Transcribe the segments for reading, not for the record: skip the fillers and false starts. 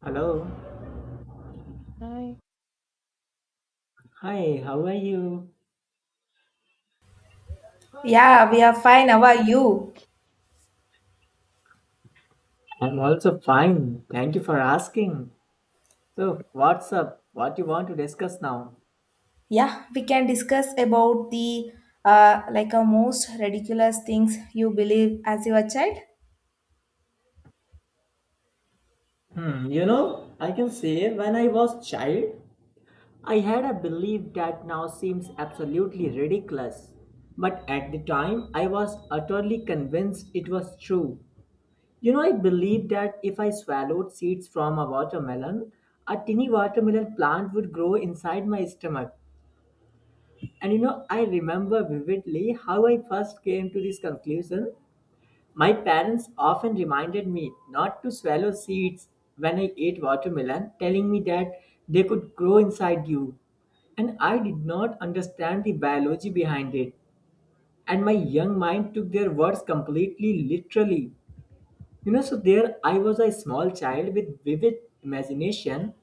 Hello. I, Hi, how are you? Yeah, we are fine. How are you? I'm also fine. Thank you for asking. So, what's up? What you want to discuss now? Yeah, we can discuss about the like a most ridiculous things you believe as your child. Hmm, you know, I can say when I was child, I had a belief that now seems absolutely ridiculous. But at the time, I was utterly convinced it was true. You know, I believed that if I swallowed seeds from a watermelon, a tiny watermelon plant would grow inside my stomach. And you know, I remember vividly how I first came to this conclusion. My parents often reminded me not to swallow seeds when I ate watermelon, telling me that they could grow inside you. And I did not understand the biology behind it. And my young mind took their words completely literally. You know, so there I was a small child with vivid imagination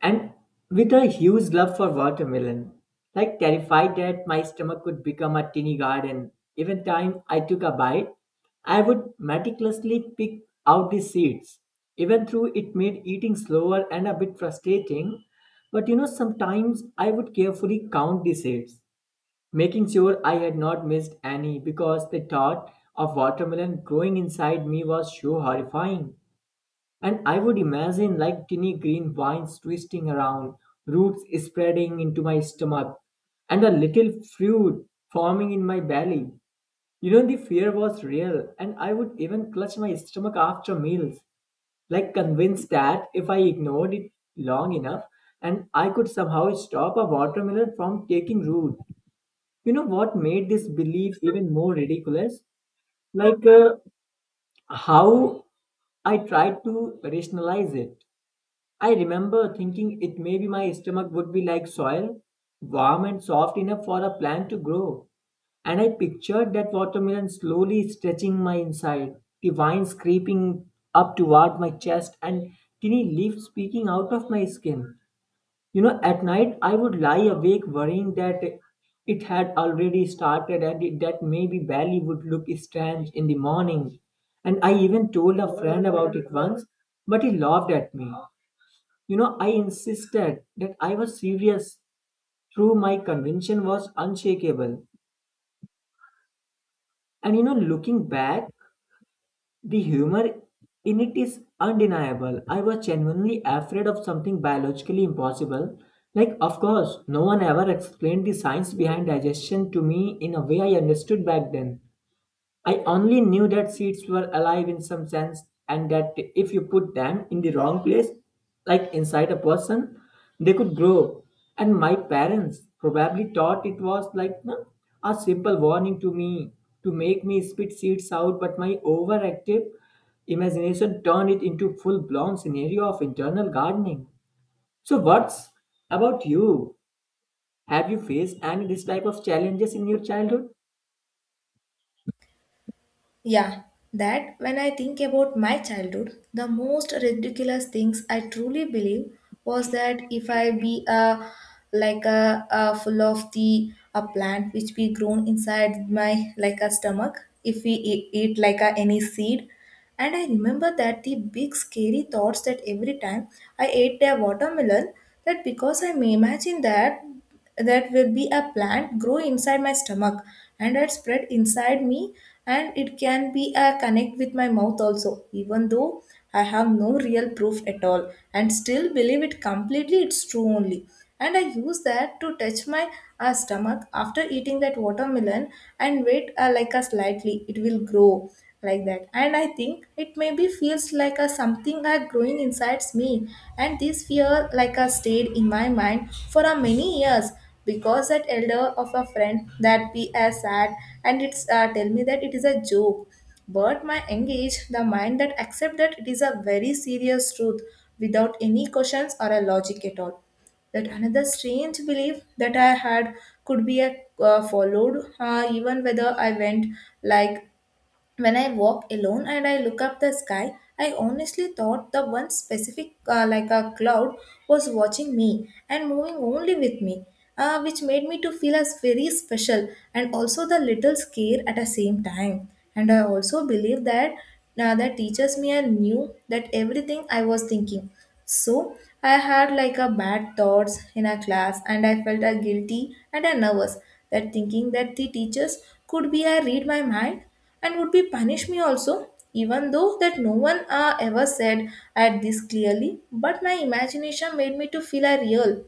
and with a huge love for watermelon, like terrified that my stomach could become a tiny garden. Even time I took a bite, I would meticulously pick out the seeds. Even though it made eating slower and a bit frustrating, but you know, sometimes I would carefully count the seeds, making sure I had not missed any because the thought of watermelon growing inside me was so horrifying. And I would imagine like tiny green vines twisting around, roots spreading into my stomach, and a little fruit forming in my belly. You know, the fear was real, and I would even clutch my stomach after meals, like convinced that if I ignored it long enough, and I could somehow stop a watermelon from taking root. You know what made this belief even more ridiculous? Like how I tried to rationalize it. I remember thinking it maybe my stomach would be like soil, warm and soft enough for a plant to grow. And I pictured that watermelon slowly stretching my inside, the vines creeping up toward my chest, and tiny leaves peeking out of my skin. You know, at night I would lie awake worrying that it had already started and it, that maybe Bali would look strange in the morning. And I even told a friend about it once, but he laughed at me. You know, I insisted that I was serious, though my conviction was unshakable. And you know, looking back, the humor in it is undeniable. I was genuinely afraid of something biologically impossible. Like, of course, no one ever explained the science behind digestion to me in a way I understood back then. I only knew that seeds were alive in some sense, and that if you put them in the wrong place, like inside a person, they could grow. And my parents probably thought it was like no, a simple warning to me to make me spit seeds out, but my overactive imagination turned it into full blown scenario of internal gardening. So what's about you? Have you faced any this type of challenges in your childhood? Yeah, that when I think about my childhood, the most ridiculous things I truly believe was that if I be a like a full of the a plant which be grown inside my like a stomach, if we eat like a, any seed. And I remember that the big scary thoughts that every time I ate a watermelon, that because I may imagine that that will be a plant grow inside my stomach, and it spread inside me, and it can be a connect with my mouth also, even though I have no real proof at all and still believe it completely, it's true only. And I use that to touch my stomach after eating that watermelon and wait, like a slightly it will grow like that. And I think it maybe feels like a something are growing inside me. And this fear like a stayed in my mind for a many years because that elder of a friend that be as sad and it's tell me that it is a joke. But my engage the mind that accept that it is a very serious truth without any questions or a logic at all. That another strange belief that I had could be a followed, even whether I went like when I walk alone and I look up the sky, I honestly thought the one specific, like a cloud, was watching me and moving only with me, which made me to feel as very special and also the little scare at the same time. And I also believe that that teachers me and knew that everything I was thinking. So I had like a bad thoughts in a class, and I felt a guilty and a nervous, that thinking that the teachers could be I read my mind and would be punish me also, even though that no one ever said at this clearly. But my imagination made me to feel a real.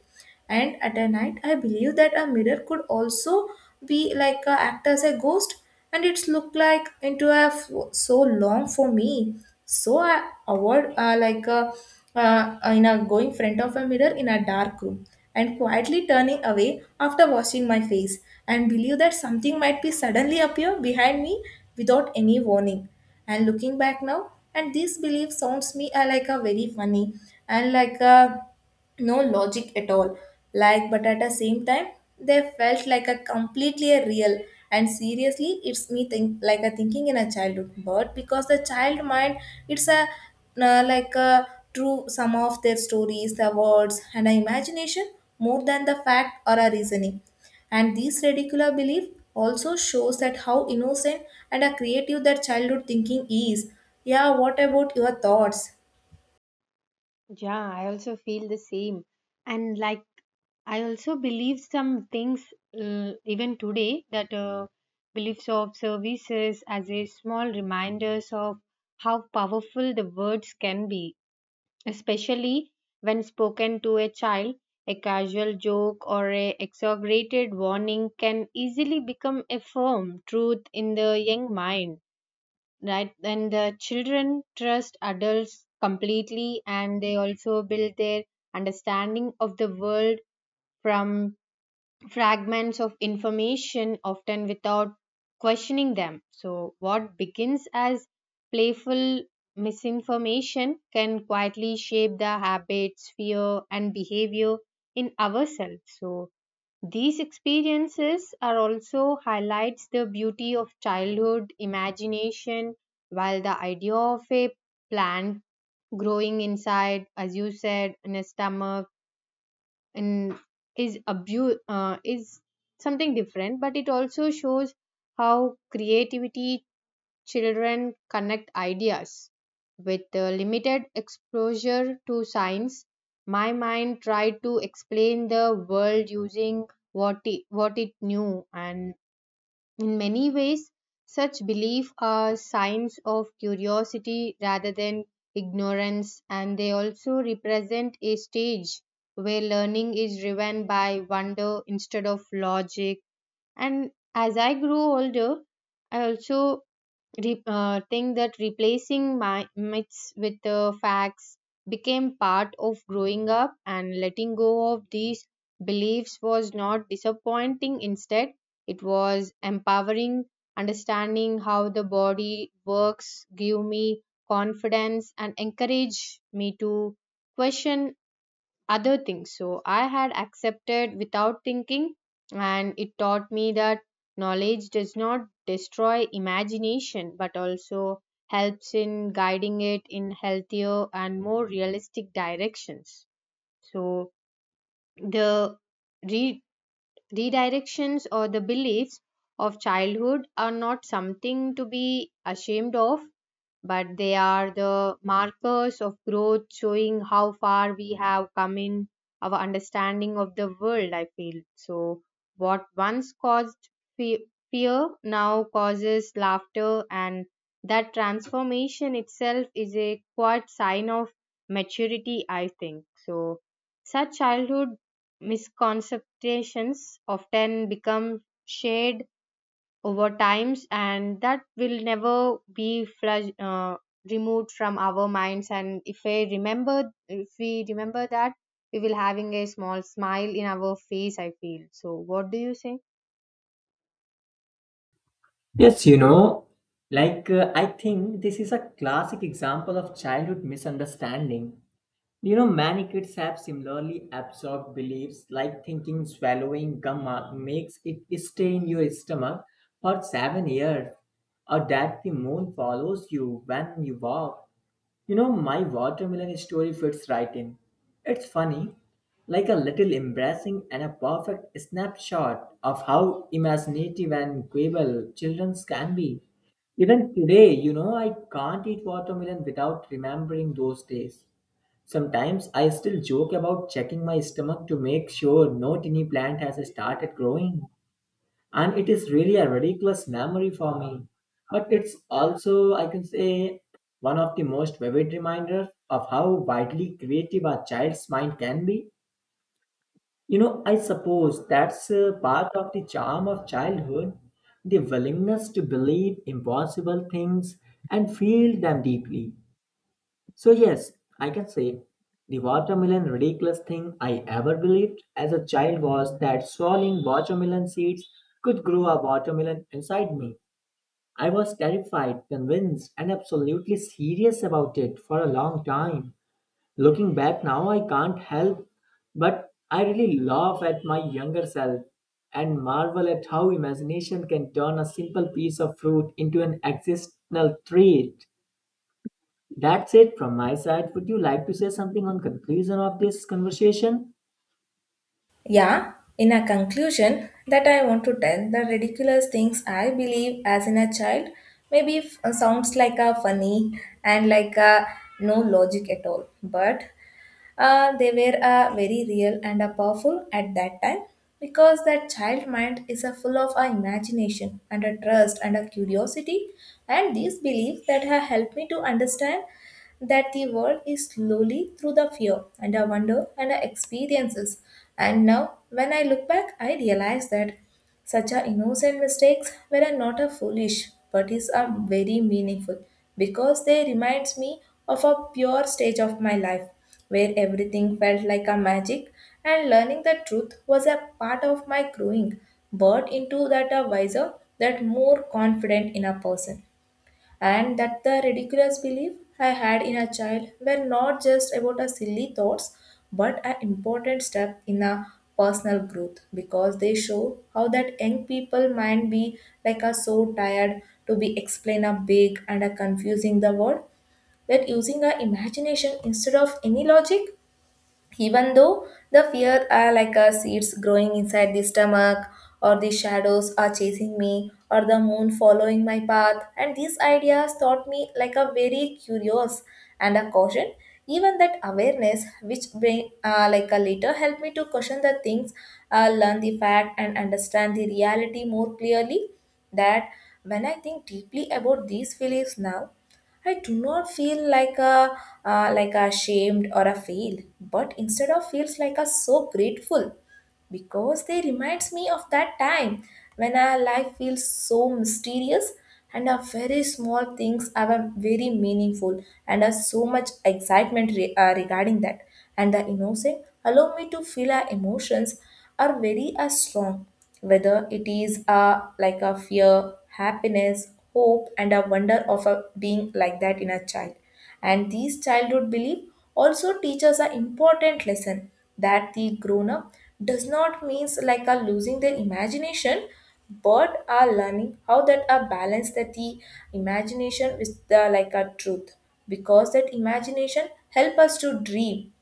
And at a night I believe that a mirror could also be like a, act as a ghost, and it's looked like into a so long for me. So I avoid like a, in a going front of a mirror in a dark room and quietly turning away after washing my face and believe that something might be suddenly appear behind me without any warning. And looking back now, and this belief sounds me like a very funny and like a no logic at all, like, but at the same time, they felt like a completely a real. And seriously it's me think like a thinking in a childhood, but because the child mind it's a like a true sum of their stories, the words and the imagination more than the fact or a reasoning. And this ridiculous belief also shows that how innocent and a creative that childhood thinking is. Yeah, what about your thoughts? yeah, I also feel the same. And like, I also believe some things, even today, that beliefs of services as a small reminders of how powerful the words can be, especially when spoken to a child. A casual joke or a exaggerated warning can easily become a firm truth in the young mind, right, and the children trust adults completely, and they also build their understanding of the world from fragments of information often without questioning them. So what begins as playful misinformation can quietly shape the habits, fear and behavior in ourselves. So these experiences are also highlights the beauty of childhood imagination. While the idea of a plant growing inside, as you said, in a stomach in is is something different, but it also shows how creativity children connect ideas. With limited exposure to science, my mind tried to explain the world using what it knew, and in many ways, such belief are signs of curiosity rather than ignorance, and they also represent a stage where learning is driven by wonder instead of logic. And as I grew older, I also think that replacing my myths with facts became part of growing up, and letting go of these beliefs was not disappointing. Instead, it was empowering. Understanding how the body works gave me confidence and encouraged me to question other things. So I had accepted without thinking, and it taught me that knowledge does not destroy imagination but also helps in guiding it in healthier and more realistic directions. So the re- redirections or the beliefs of childhood are not something to be ashamed of, but they are the markers of growth, showing how far we have come in our understanding of the world, I feel. So what once caused fe- fear now causes laughter, and that transformation itself is a quite sign of maturity, I think. So such childhood misconceptions often become shared over times, and that will never be removed from our minds. And if I remember, if we remember that, we will having a small smile in our face, I feel. So what do you say? Yes, you know, like I think this is a classic example of childhood misunderstanding. You know, many kids have similarly absorbed beliefs like thinking swallowing gum makes it stay in your stomach for 7 years, or that the moon follows you when you walk. You know, my watermelon story fits right in. It's funny, like a little embarrassing and a perfect snapshot of how imaginative and gullible children can be. Even today, you know, I can't eat watermelon without remembering those days. Sometimes I still joke about checking my stomach to make sure no tiny plant has started growing, and it is really a ridiculous memory for me, but it's also, I can say, one of the most vivid reminders of how widely creative a child's mind can be. You know, I suppose that's part of the charm of childhood, the willingness to believe impossible things and feel them deeply. So, yes, I can say the watermelon ridiculous thing I ever believed as a child was that swallowing watermelon seeds could grow a watermelon inside me. I was terrified, convinced, and absolutely serious about it for a long time. Looking back now, I can't help but I really laugh at my younger self and marvel at how imagination can turn a simple piece of fruit into an existential trait. That's it from my side. Would you like to say something on conclusion of this conversation? Yeah, in a conclusion, that I want to tell the ridiculous things I believe as in a child maybe sounds like a funny and like a no logic at all, but they were very real and powerful at that time because that child mind is full of imagination and a trust and a curiosity. And these beliefs that have helped me to understand that the world is slowly through the fear and the wonder and the experiences. And now, when I look back, I realize that such a innocent mistakes were a not a foolish, but is a very meaningful because they reminds me of a pure stage of my life where everything felt like a magic and learning the truth was a part of my growing, but into that a wiser, that more confident in a person. And that the ridiculous belief I had in a child were not just about a silly thoughts, but an important step in a personal growth because they show how that young people might be like are so tired to be explain a big and a confusing the word, that using our imagination instead of any logic, even though the fear are like a seeds growing inside the stomach or the shadows are chasing me or the moon following my path. And these ideas taught me like a very curious and a caution, even that awareness which bring like a later helped me to question the things, learn the fact and understand the reality more clearly. That when I think deeply about these feelings now, I do not feel like a ashamed or a fail, but instead of feels like a so grateful because they reminds me of that time when our life feels so mysterious and our very small things are very meaningful and are so much excitement regarding that. And the innocent allow me to feel our emotions are very strong, whether it is like a fear, happiness, hope and a wonder of a being like that in a child. And these childhood beliefs also teach us an important lesson, that the grown up does not means like a losing their imagination, but are learning how that a balance that the imagination with the like a truth because that imagination help us to dream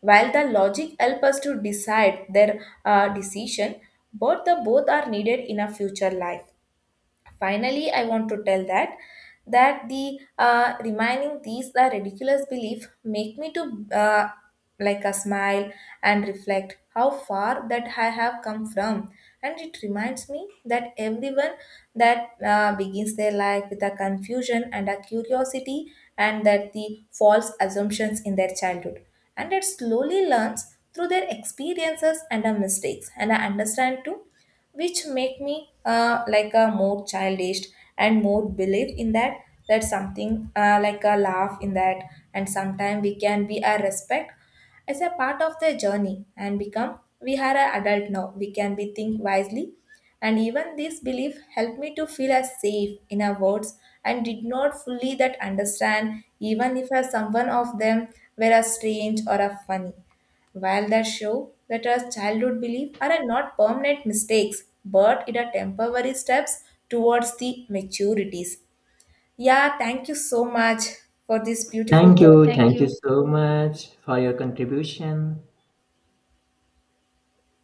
while the logic help us to decide their decision, but the both are needed in a future life. Finally, I want to tell that that the reminding these the ridiculous belief make me to like a smile and reflect how far that I have come from, and it reminds me that everyone that begins their life with a confusion and a curiosity, and that the false assumptions in their childhood, and it slowly learns through their experiences and our mistakes, and I understand too, which make me like a more childish and more believe in that that something like a laugh in that. And sometimes we can be a respect as a part of the journey and become we are an adult now we can be think wisely. And even this belief helped me to feel as safe in our words and did not fully that understand even if as someone of them were a strange or a funny, while that show that our childhood beliefs are a not permanent mistakes, but it are temporary steps towards the maturities. Yeah, thank you so much for this beautiful Thank talk. you. Thank Thank you you. so much for your contribution.